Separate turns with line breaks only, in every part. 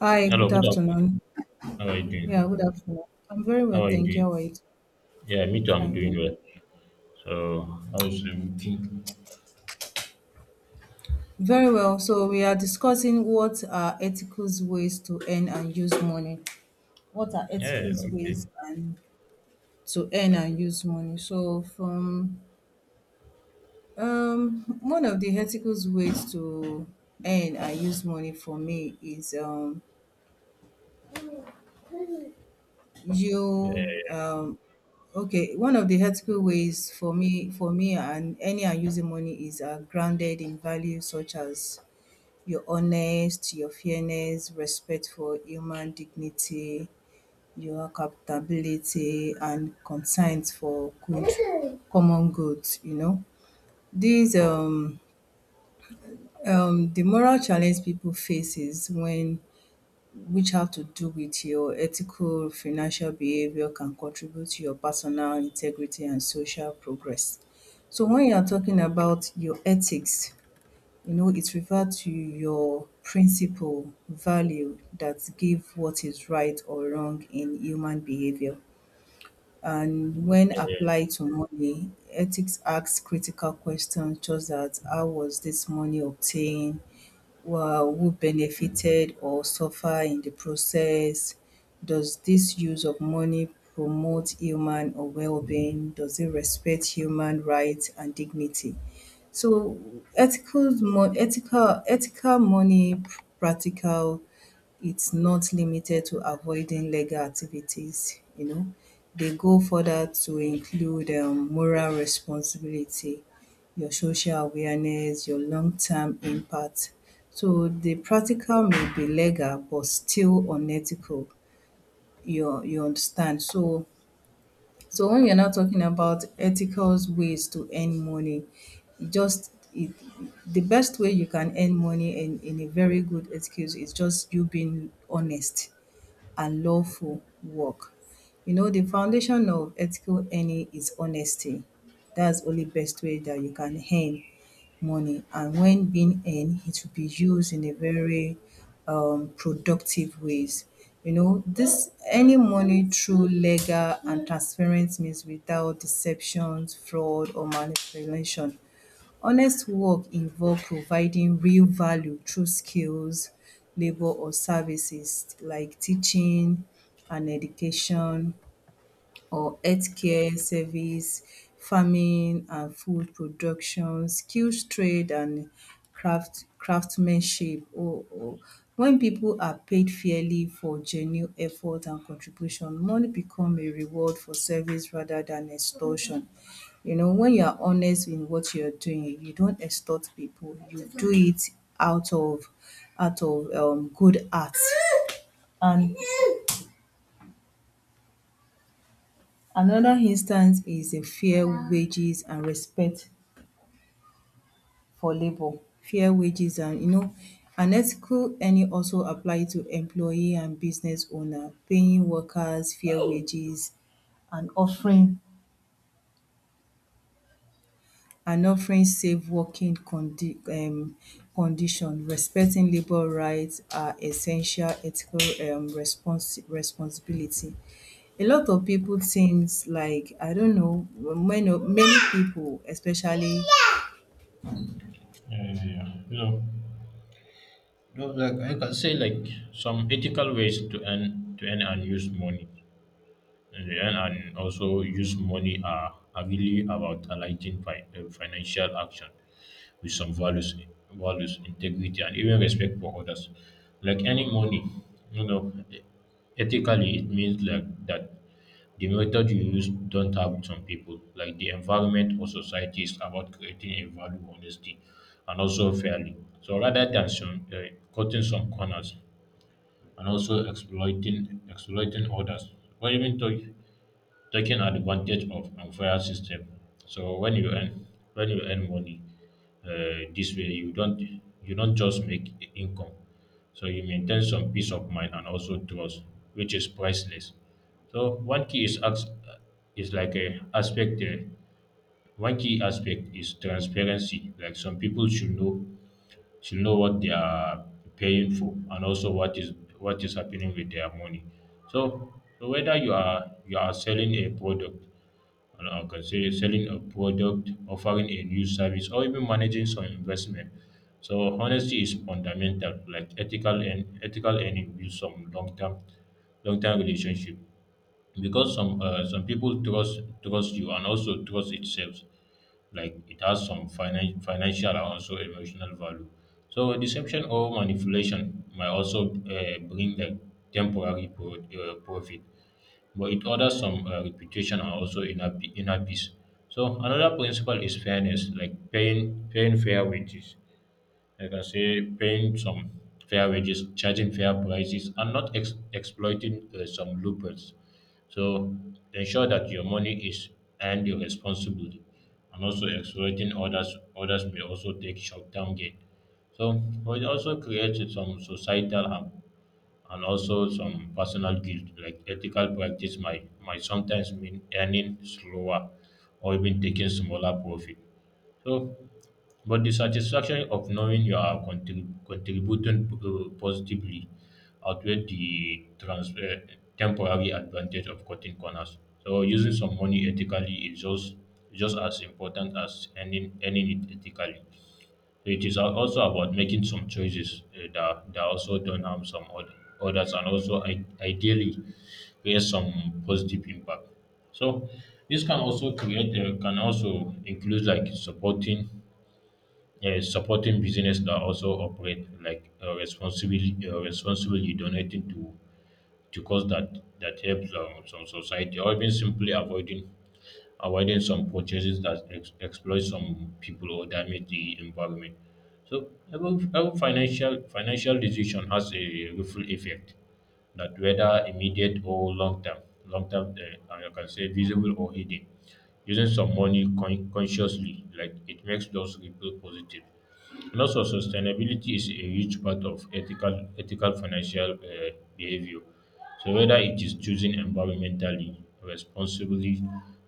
Hi, good
Hello, good afternoon.
afternoon.
How are you
Yeah, good
doing?
afternoon. I'm very well,
How are you
thank you.
doing?
How are you?
Yeah, me
I'm
too. I'm
fine,
doing
thank
well. So, how's the routine?
you. Very well. So we are discussing what are ethical ways to earn and use money. What are ethical
Yeah, okay.
ways and to earn and use money? So from one of the ethical ways to earn and use money for me is
Yeah,
you okay, one of the ethical ways for me and any I'm using money is grounded in values such as your honest, your fairness, respect for human dignity, your accountability, and concern for good, common good. You know, these um the moral challenge people faces when which have to do with your ethical financial behavior can contribute to your personal integrity and social progress. So when you are talking about your ethics, it refers to your principle, value that give what is right or wrong in human behavior. And when
yeah, yeah.
applied to money, ethics asks critical questions such as how was this money obtained? Were who benefited or suffer in the process? Does this use of money promote human or well-being? Does it respect human rights and dignity? So ethical money practical, it's not limited to avoiding legal activities, They go further to include moral responsibility, your social awareness, your long term impact. So the practical may be legal but still unethical. You understand? So when you're not talking about ethical ways to earn money, just it, the best way you can earn money in a very good ethical is just you being honest and lawful work. You know, the foundation of ethical earning is honesty. That's only best way that you can earn money. And when being earned, it will be used in a very productive ways. You know, this any money through legal and transparent means without deceptions, fraud, or manipulation. Honest work involve providing real value through skills labour or services like teaching and education or healthcare service, farming and food production, skills trade and craftsmanship. Oh, oh. When people are paid fairly for genuine effort and contribution, money become a reward for service rather than extortion. You know, when you are honest in what you are doing, you don't extort people. You do it out of out of good heart and another instance is a fair wages and respect for labour. Fair wages, and an ethical earning also apply to employee and business owner, paying workers fair wages and offering and offering safe working condition. Respecting labour rights are essential ethical responsibility. A lot of people thinks like I don't know many people, especially
Yeah, yeah. You know, no, like I can say, like some ethical ways to earn and use money, and the earn and also use money are, really about aligning financial action with some values, values, integrity, and even respect for others. Like any money, you know, ethically it means like that the method you use don't help some people. Like the environment or society is about creating a value honestly and also fairly. So rather than some, cutting some corners and also exploiting others, or even you taking advantage of unfair system. So when you earn money this way, you don't just make income. So you maintain some peace of mind and also trust, which is priceless. So one key is ax- is like a aspect. One key aspect is transparency. Like some people should know what they are paying for and also what is happening with their money. So so whether you are selling a product, and I can say selling a product, offering a new service, or even managing some investment. So honesty is fundamental. Like ethical earning builds some long term relationship because some people trust you, and also trust itself, like it has some financial and also emotional value. So deception or manipulation might also bring like temporary profit, but it orders some reputation and also inner peace. So another principle is fairness, like paying fair wages. I can say paying some fair wages, charging fair prices, and not exploiting some loopholes. So ensure that your money is earned responsibly, and also exploiting others. Others may also take short-term gain. So but it also creates some societal harm and also some personal guilt. Like ethical practice might sometimes mean earning slower or even taking smaller profit. So but the satisfaction of knowing you are contributing positively outweighs the temporary advantage of cutting corners. So using some money ethically is just as important as earning, earning it ethically. So it is also about making some choices that, that also don't harm some other, others, and also ideally create some positive impact. So this can also create can also include like supporting, yeah, supporting business that also operate like responsibly, donating to cause that that helps some society, or even simply avoiding some purchases that exploit some people or damage the environment. So every financial decision has a ripple effect, that whether immediate or long term, and you can say visible or hidden. Using some money consciously, like it makes those ripple positive. Loss of sustainability is a huge part of ethical financial behavior. So whether it is choosing environmentally responsibly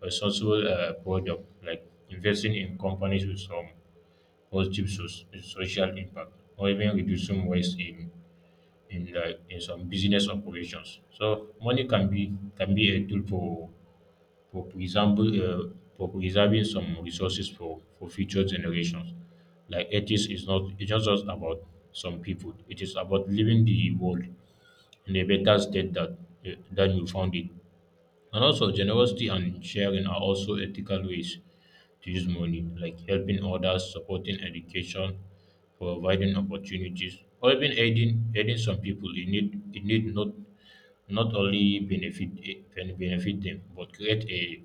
responsible product, like investing in companies with some positive social impact, or even reducing waste in, like in some business operations. So money can be a tool for preserving uh, for preserving some resources for future generations. Like ethics is not it's not just about some people. It is about leaving the world in a better state that than you found it. And also, generosity and sharing are also ethical ways to use money, like helping others, supporting education, providing opportunities, or even aiding some people in need, not not only benefit benefit them, but create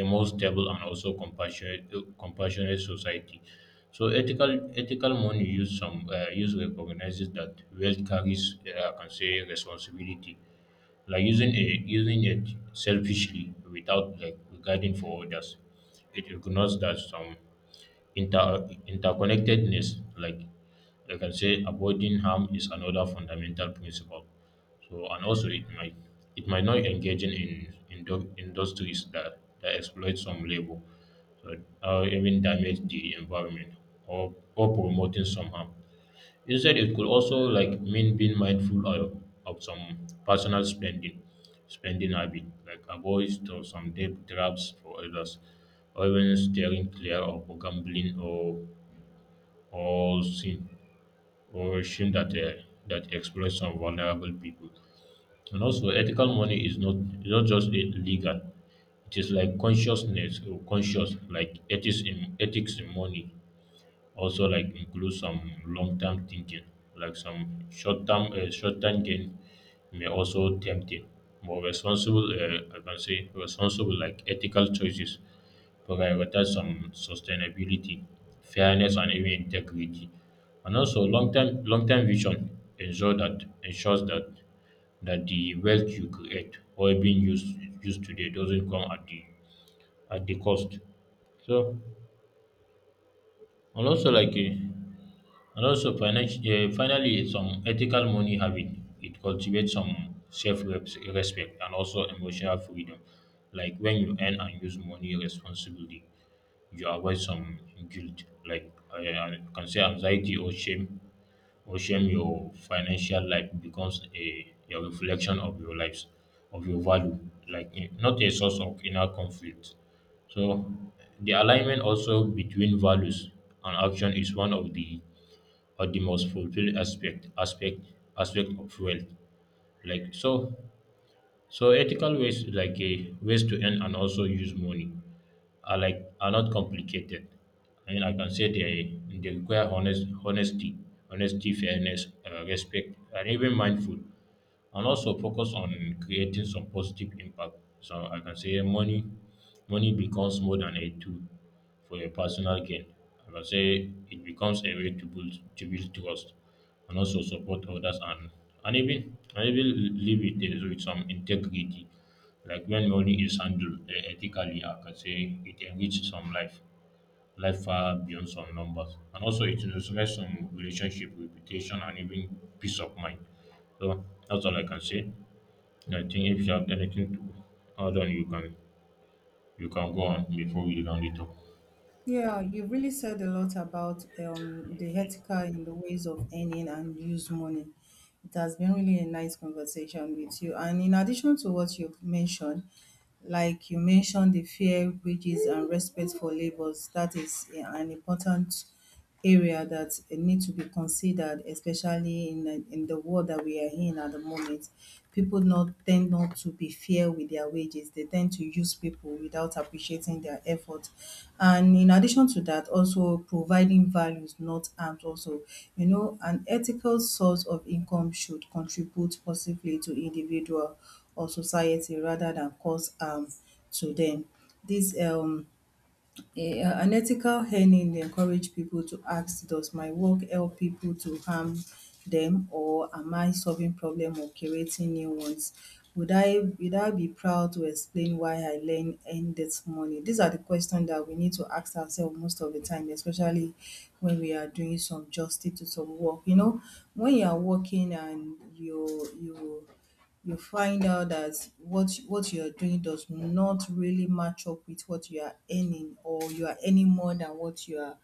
a more stable and also compassionate society. So ethical money use recognizes that wealth carries I can say responsibility, like using it selfishly without like regarding for others. It ignores that some interconnectedness. Like I can say avoiding harm is another fundamental principle. So and also it might not engaging in industries that, that exploit some labor so, or even damage the environment or promoting some harm. Instead, it could also like mean being mindful of some personal spending, spending habit, like avoid to some debt traps for others, or even steering clear of gambling or sin. Or ocean that that exploits some vulnerable people. And also, ethical money is not just legal; it is like consciousness or conscious, like ethics in money also like include some long-term thinking, like some short-term short-term gain may also tempting. More responsible I can say responsible like ethical choices prioritize some sustainability, fairness, and even integrity. And also long-term vision ensure that ensures that that the wealth you create or being used used today doesn't come at the cost. So and also like and also, finally, some ethical money having it cultivates some self respect and also emotional freedom. Like when you earn and use money responsibly, you avoid some guilt, like I can say anxiety or shame. Or shame your financial life becomes a reflection of your lives, of your value, like not a source of inner conflict. So, the alignment also between values and action is one of the or the most fulfilling aspect of wealth, like so so ethical ways like a ways to earn and also use money are like are not complicated. I mean I can say they require honesty, honesty, fairness, respect, and even mindful, and also focus on creating some positive impact. So I can say money, money becomes more than a tool for your personal gain. I can say it becomes a way to build trust and also support others, and even live with some integrity. Like when money is handled ethically, I can say it enriches some life far beyond some numbers. And also, it resonates some relationship, reputation, and even peace of mind. So that's all I can say. And I think if you have anything to add on, you can go on before we round it up.
yeah, you really said a lot about the
Okay.
ethical in the ways of earning and use money. It has been really a nice conversation with you. And in addition to what you've mentioned, like you mentioned the fair wages and respect for labors that is an important area that it need to be considered, especially in the world that we are in at the moment. People not tend not to be fair with their wages. They tend to use people without appreciating their effort, and in addition to that, also providing values not harms. Also, an ethical source of income should contribute positively to individual or society rather than cause harm to them. This an ethical earning dey encourage people to ask, does my work help people to harm them, or am I solving problem or creating new ones? Would I be proud to explain why I learn earn this money? These are the questions that we need to ask ourselves most of the time, especially when we are doing some justice to some work. You know, when you are working and you you find out that what you're doing does not really match up with what you are earning, or you are earning more than what you are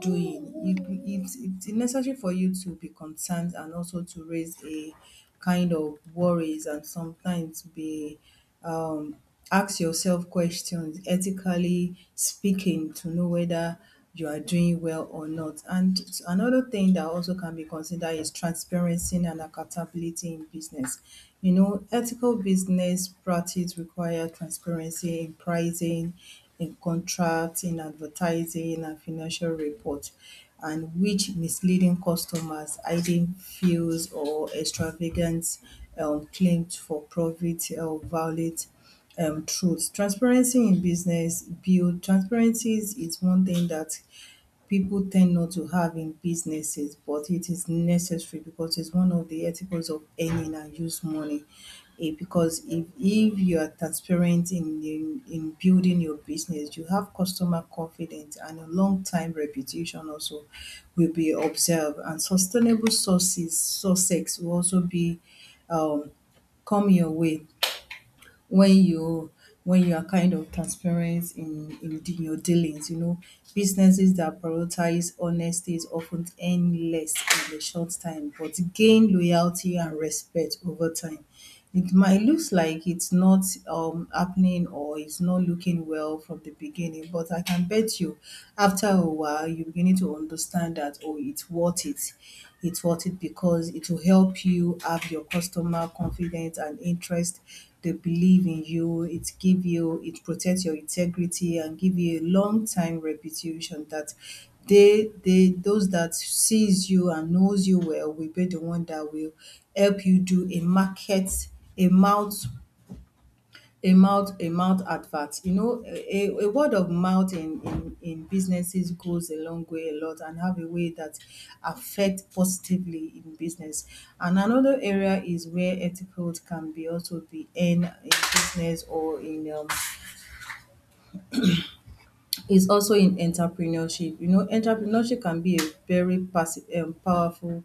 doing it, it's necessary for you to be concerned and also to raise a kind of worries, and sometimes be um ask yourself questions ethically speaking to know whether you are doing well or not. And another thing that also can be considered is transparency and accountability in business. You know, ethical business practice require transparency in pricing, in contracts, in advertising, and financial reports, and which misleading customers, hiding fees or extravagant claims for profit or violate truth. Transparency in business build transparencies is one thing that people tend not to have in businesses, but it is necessary because it's one of the ethicals of earning and use money. Because if you are transparent in building your business, you have customer confidence, and a long time reputation also will be observed and sustainable sources success will also be um come your way when you are kind of transparent in your dealings. You know, businesses that prioritize honesty is often earn less in the short time, but gain loyalty and respect over time. It might looks like it's not happening, or it's not looking well from the beginning, but I can bet you after a while you're beginning to understand that, oh, it's worth it, it's worth it, because it will help you have your customer confidence and interest. They believe in you. It give you, it protects your integrity and give you a long time reputation that they those that sees you and knows you well will be the one that will help you do a mouth a mouth a mouth advert. A word of mouth in businesses goes a long way a lot and have a way that affect positively in business. And another area is where ethical can be also be in business or in is also in entrepreneurship. You know, entrepreneurship can be a very passive, powerful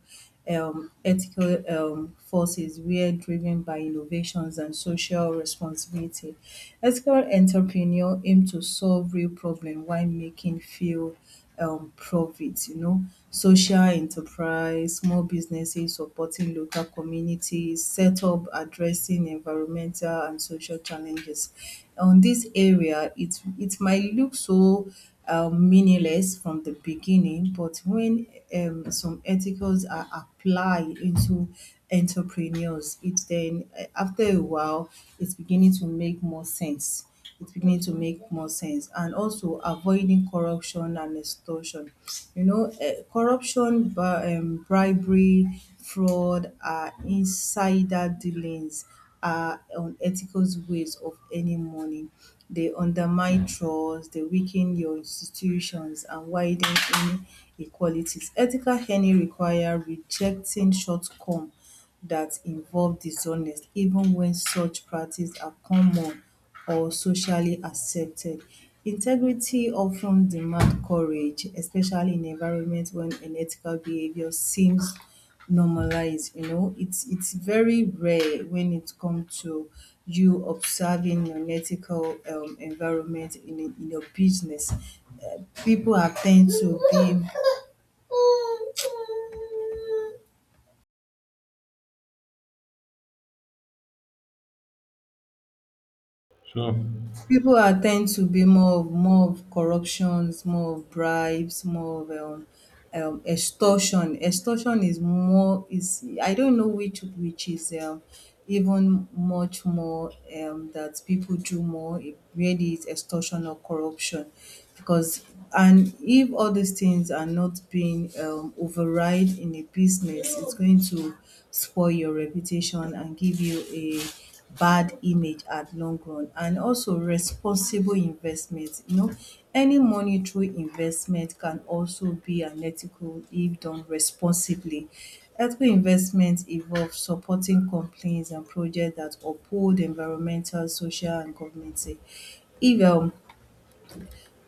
ethical forces where driven by innovations and social responsibility. Ethical entrepreneur aim to solve real problem while making few profits. You know, social enterprise, small businesses supporting local communities, set up addressing environmental and social challenges. On this area, it might look so meaningless from the beginning, but when some ethicals are applied into entrepreneurs, it then after a while it's beginning to make more sense, and also avoiding corruption and extortion. You know, corruption, bribery, fraud, insider dealings are unethical ways of earning money. They undermine trust, they weaken your institutions, and widen inequalities. Ethical earning require rejecting shortcome that involve dishonest even when such practices are common or socially accepted. Integrity often demand courage, especially in environments when unethical behaviour seems normalized. It's very rare when it comes to you observing unethical environment in your business. People are tend to be
So
People are tend to be more of corruptions, more of bribes, more of extortion. Extortion is more is I don't know which is even much more that people do more. It really is extortion or corruption because, and if all these things are not being override in a business, it's going to spoil your reputation and give you a bad image at long run. And also responsible investment, any monetary investment can also be unethical if done responsibly. Ethical investment involve supporting companies and projects that uphold environmental, social, and governmental. If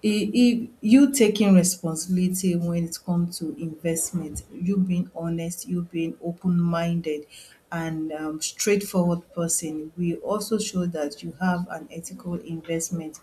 if e you taking responsibility when it comes to investment, you being honest, you being open-minded and straightforward person, we also show that you have an ethical investment,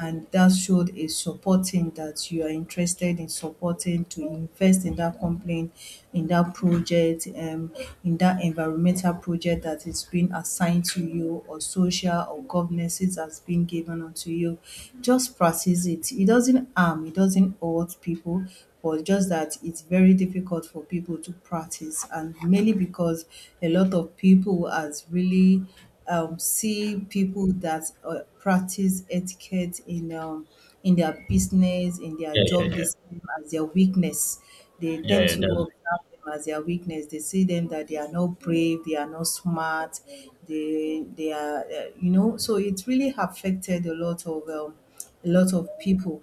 and that showed is supporting that you are interested in supporting to invest in that company, in that project, in that environmental project that is being assigned to you, or social or governances that's been given unto you. Just practice it. It doesn't harm, it doesn't hurt people, but just that it's very difficult for people to practice, and mainly because a lot of people has really see people that practice etiquette in their business, in their
yeah, yeah,
job,
yeah,
they see them as their weakness. They
yeah,
tend
yeah.
to
That's
observe them as their weakness. They see them that they are not brave, they are not smart, they are uh. So it really affected a lot of people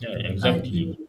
yeah, yeah,
and
exactly.
you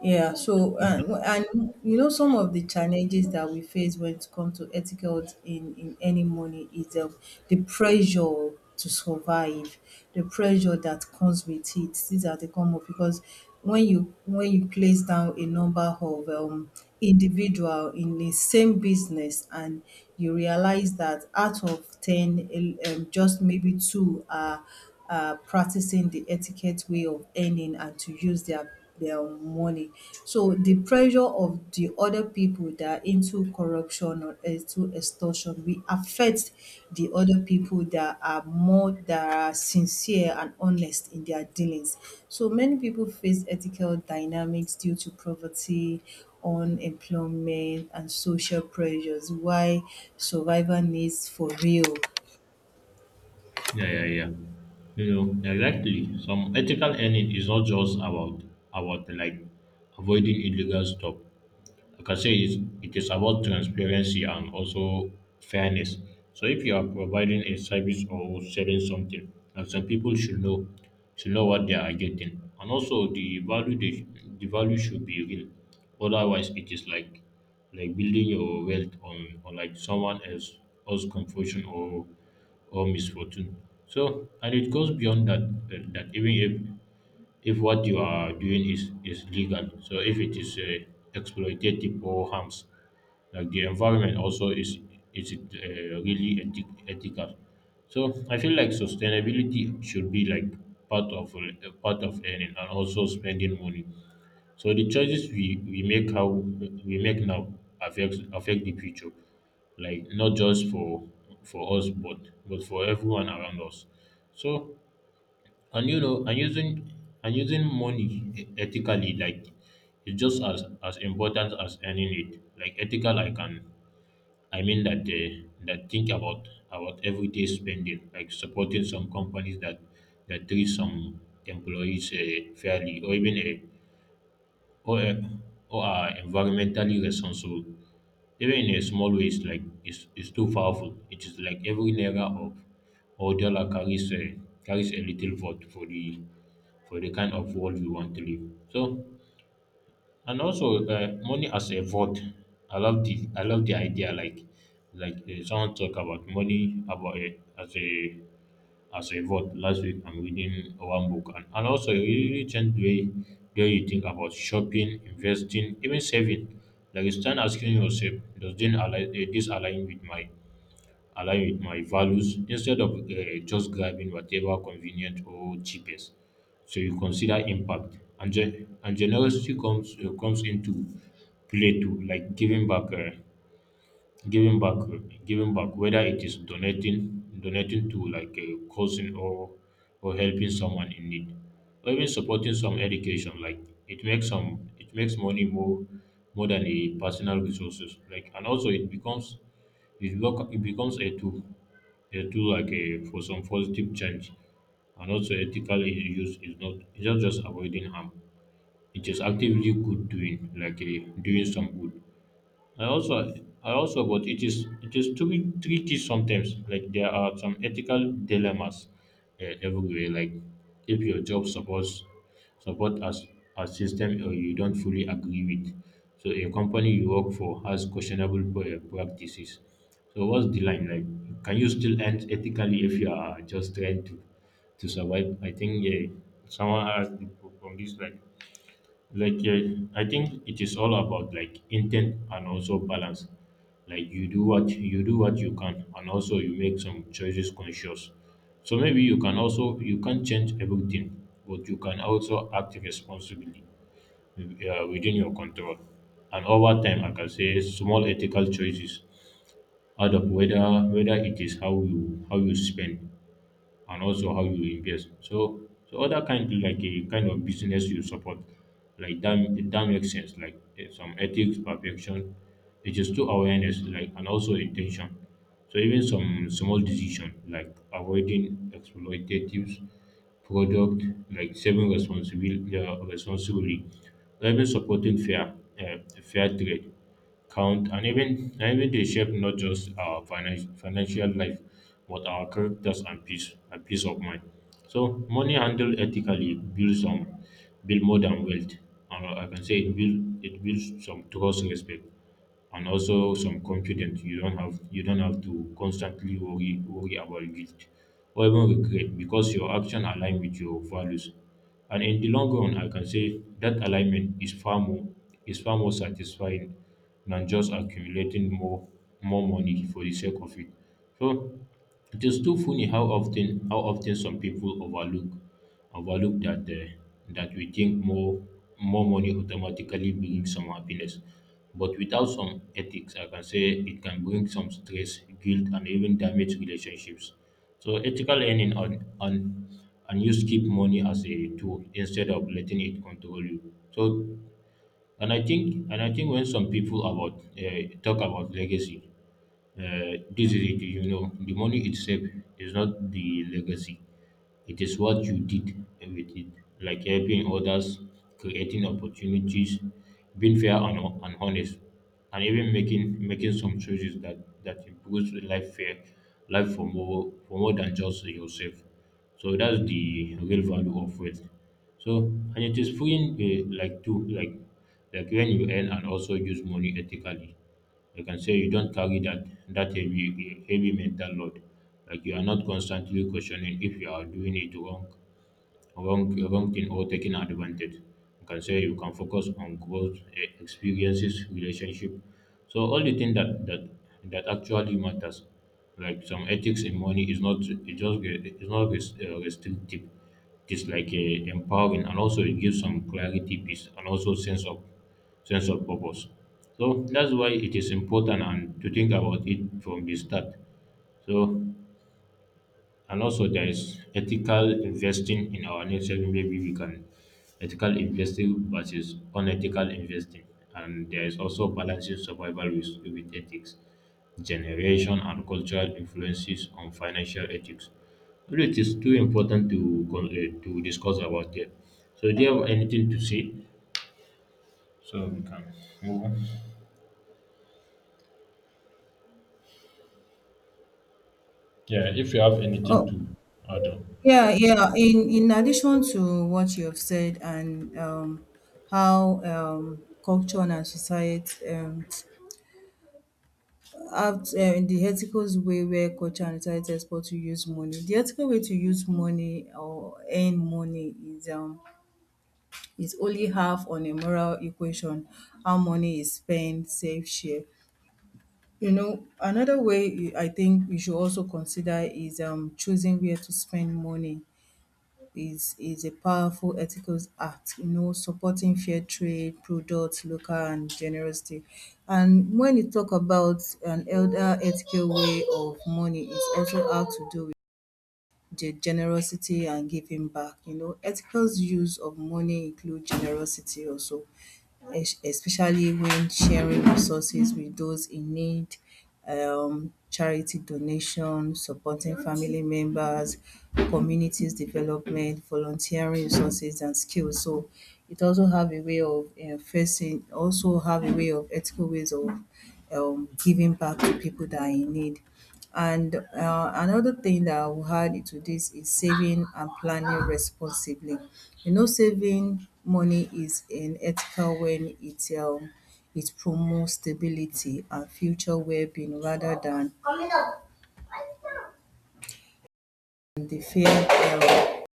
yeah, so
Okay.
and you know some of the challenges that we face when it comes to etiquette in any money is the pressure to survive, the pressure that comes with it. These are the common because when you place down a number of individual in the same business and you realize that out of ten, just maybe two are practicing the etiquette way of earning and to use their money. So the pressure of the other people that are into corruption or into extortion will affect the other people that are more that are sincere and honest in their dealings. So many people face ethical dynamics due to poverty, unemployment, and social pressures. Why survival needs for real.
Yeah, yeah, yeah. You know, yeah, exactly. Some ethical earning is not just about like avoiding illegal stuff. I can say, it's, it is about transparency and also fairness. So if you are providing a service or selling something, and some people should know what they are getting, and also the value the value should be real. Otherwise, it is like building your wealth on like someone else's confusion or misfortune. So and it goes beyond that that even if what you are doing is legal. So if it is exploitative or harms, like the environment also is it really ethical. So I feel like sustainability should be like part of earning and also spending money. So the choices we make how we make now affect the future, like not just for us but for everyone around us. So and you know, and using money ethically, like is just as important as earning it. Like ethical, I can I mean that that think about everyday spending, like supporting some companies that that treat some employees fairly, or even or are environmentally responsible. Even in a small ways, like it's too powerful. It is like every naira of or dollar carries a carries a little vote for the kind of world we want to live. So and also money as a vote. I love the idea like someone talk about money about it as a vote last week. I'm reading one book, and also it really changed the way you think about shopping, investing, even saving. Like you start asking yourself, does this align with my values instead of just grabbing whatever convenient or cheapest. So you consider impact, and, and generosity comes into play too, like giving back. Giving back, giving back, whether it is donating, donating to like a cousin or helping someone in need, or even supporting some education. Like it makes money more than a personal resources. Like and also it becomes a tool like a for some positive change. And also, ethical use is not it's not just avoiding harm. It is actively good doing, like a, doing some good. I also I also but tricky sometimes. Like there are some ethical dilemmas everywhere. Like if your job supports support as a system or you don't fully agree with. So a company you work for has questionable practices. So what's the line like? Can you still end ethically if you are just trying to survive? I think yeah, someone asked me from this I think it is all about like intent and also balance like you do what you can and also you make some choices conscious. So maybe you can also you can't change everything, but you can also act responsibly, within your control. And over time, like I can say small ethical choices out of whether it is how you spend and also how you invest. So so other kind like a kind of business you support, like that makes sense. Like eh, some ethics, perfection, it is to awareness, like and also intention. So even some small decision like avoiding exploitative product, like saving responsibility, responsibly, even supporting fair trade count, and even they shape not just our financial life but our characters and peace of mind. So money handled ethically builds some build more than wealth. And I can say it builds some trust, respect, and also some confidence. You don't have to constantly worry about guilt or even regret, because your action align with your values. And in the long run, I can say that alignment is far more satisfying than just accumulating more money for the sake of it. So it is too funny how often some people overlook that that we think more money automatically brings some happiness. But without some ethics, I can say it can bring some stress, guilt, and even damage relationships. So ethical earning and use keep money as a tool instead of letting it control you. So and I think when some people about talk about legacy, this is it. You know, the money itself is not the legacy. It is what you did with it, like helping others, creating opportunities, being fair and, honest, and even making some choices that that improves life fair life for more than just yourself. So that's the real value of wealth. So and it is freeing like to like like when you earn and also use money ethically. I can say you don't carry that heavy mental load. Like you are not constantly questioning if you are doing it wrong wrongthing or taking advantage. You can say you can focus on growth, experiences, relationship. So all the things that actually matters, like some ethics in money, is not it just it's not restrictive. It's like empowering, and also it gives some clarity, peace, and also sense of purpose. So that's why it is important and to think about it from the start. So and also, there is ethical investing in our nation. Maybe we can ethical investing versus unethical investing. And there is also balancing survival with ethics, generation and cultural influences on financial ethics. Well, it is too important to to discuss about it. So, do you have anything to say? So we can move on. Yeah, if you have anything
Oh,
to add on.
yeah, yeah. In addition to what you have said and how culture and society have in the ethical way where culture and society expect to use money. The ethical way to use money or earn money is only half on a moral equation. How money is spent, save, share. You know, another way I think you should also consider is choosing where to spend money is a powerful ethical act, you know, supporting fair trade, products, local and generosity. And when you talk about an elder ethical way of money, it's also how to do the generosity and giving back. You know, ethical's use of money include generosity also, especially when sharing resources with those in need, charity donation, supporting family members, communities development, volunteering resources and skills. So it also have a way of facing, also have a way of ethical ways of giving back to people that are in need. And another thing that I will add to this is saving and planning responsibly. You know, saving money is unethical when it it promotes stability and future well-being rather than the fear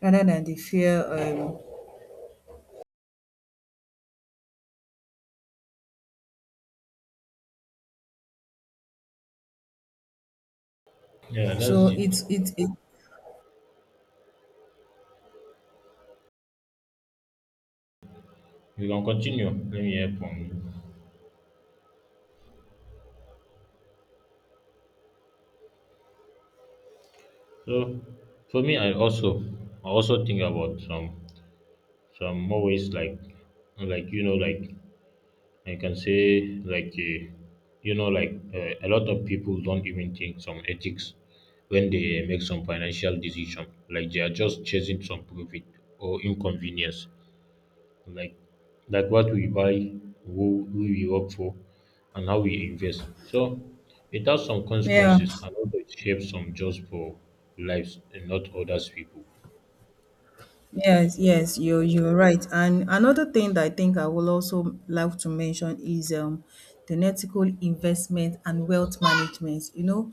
rather than the fear.
Yeah,
So
that's it.
it's it.
You can continue. Let me hear from you. So for me, I also think about some more ways like like you know like I can say a lot of people don't even think some ethics when they make some financial decision, like they are just chasing some profit or inconvenience, like like what we buy, who we work for, and how we invest. So it has some
Yeah.
consequences, and also it shapes some just for lives and not others people.
Yes, yes, you're right. And another thing that I think I will also like to mention is the ethical investment and wealth management. You know,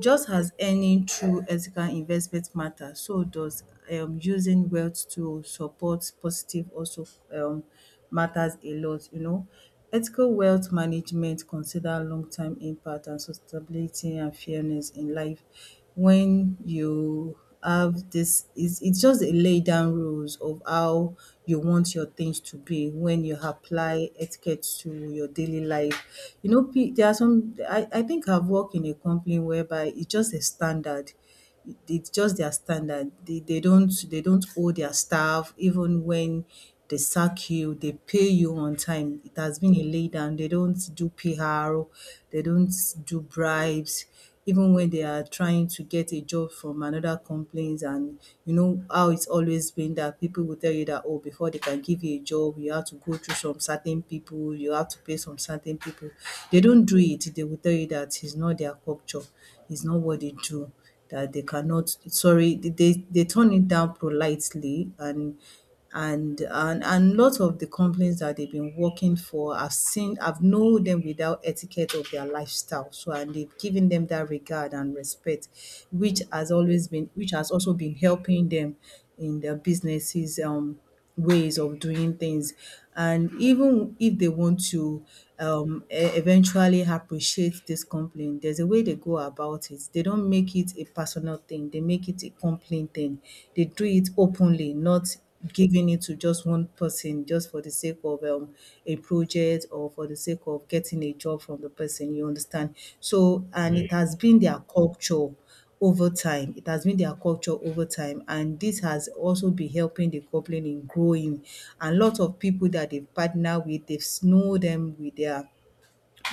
just as earning through ethical investment matters, so does using wealth to support positive also um matters a lot, you know. Ethical wealth management consider long-term impact and sustainability and fairness in life. When you have this is it's just a lay down rules of how you want your things to be when you apply etiquette to your daily life, you know, there are some I think I've worked in a company whereby it's just a standard, it's just their standard. They don't, they don't owe their staff. Even when they sack you, they pay you on time. It has been a lay down. They don't do pr, they don't do bribes even when they are trying to get a job from another companies. And you know how it's always been that people will tell you that, oh, before they can give you a job, you have to go through some certain people, you have to pay some certain people. They don't do it. They will tell you that it's not their culture, it's not what they do, that they cannot. Sorry, they turn it down politely. And lot of the companies that they've been working for, I've seen, I've known them without etiquette of their lifestyle. So and they've given them that regard and respect, which has always been, which has also been helping them in their businesses, ways of doing things. And even if they want to eventually appreciate this complaint, there's a way they go about it. They don't make it a personal thing, they make it a complaint thing. They do it openly, not giving it to just one person just for the sake of a project or for the sake of getting a job from the person, you understand. So and
Yeah,
it has been their culture over time. It has been their culture over time, and this has also been helping the company in growing. And lot of people that they've partnered with, they've known them with their,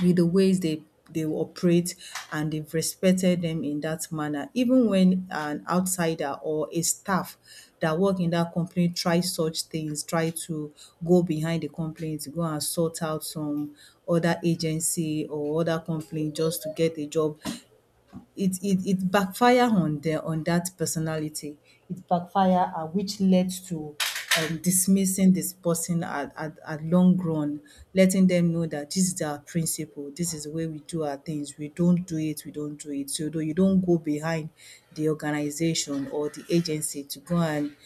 with the ways they operate, and they've respected them in that manner. Even when an outsider or a staff that work in that company try such things, try to go behind the company to go and sort out some other agency or other company just to get a job, it backfire on the, on that personality. It backfire which led to dismissing this person at, at long run, letting them know that this is our principle, this is the way we do our things. We don't do it, we don't do it. So though you don't go behind the organization or the agency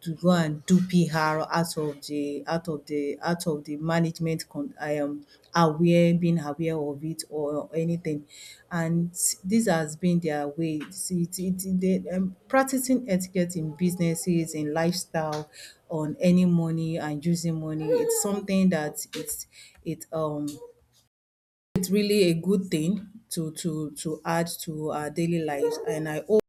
to go and do PR out of the, out of the management con aware, being aware of it or anything. And this has been their way. It's it it they practicing etiquette in businesses, in lifestyle, on any money and using money. It's something that it um it's really a good thing to add to our daily lives. And I hope.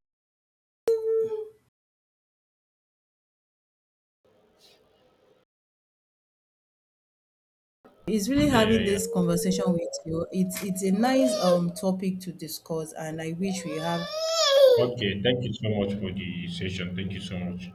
It's really
yeah,
having
yeah, yeah.
this conversation with you. It's a nice topic to discuss, and I wish we have
Okay, thank you so much for the session. Thank you so much.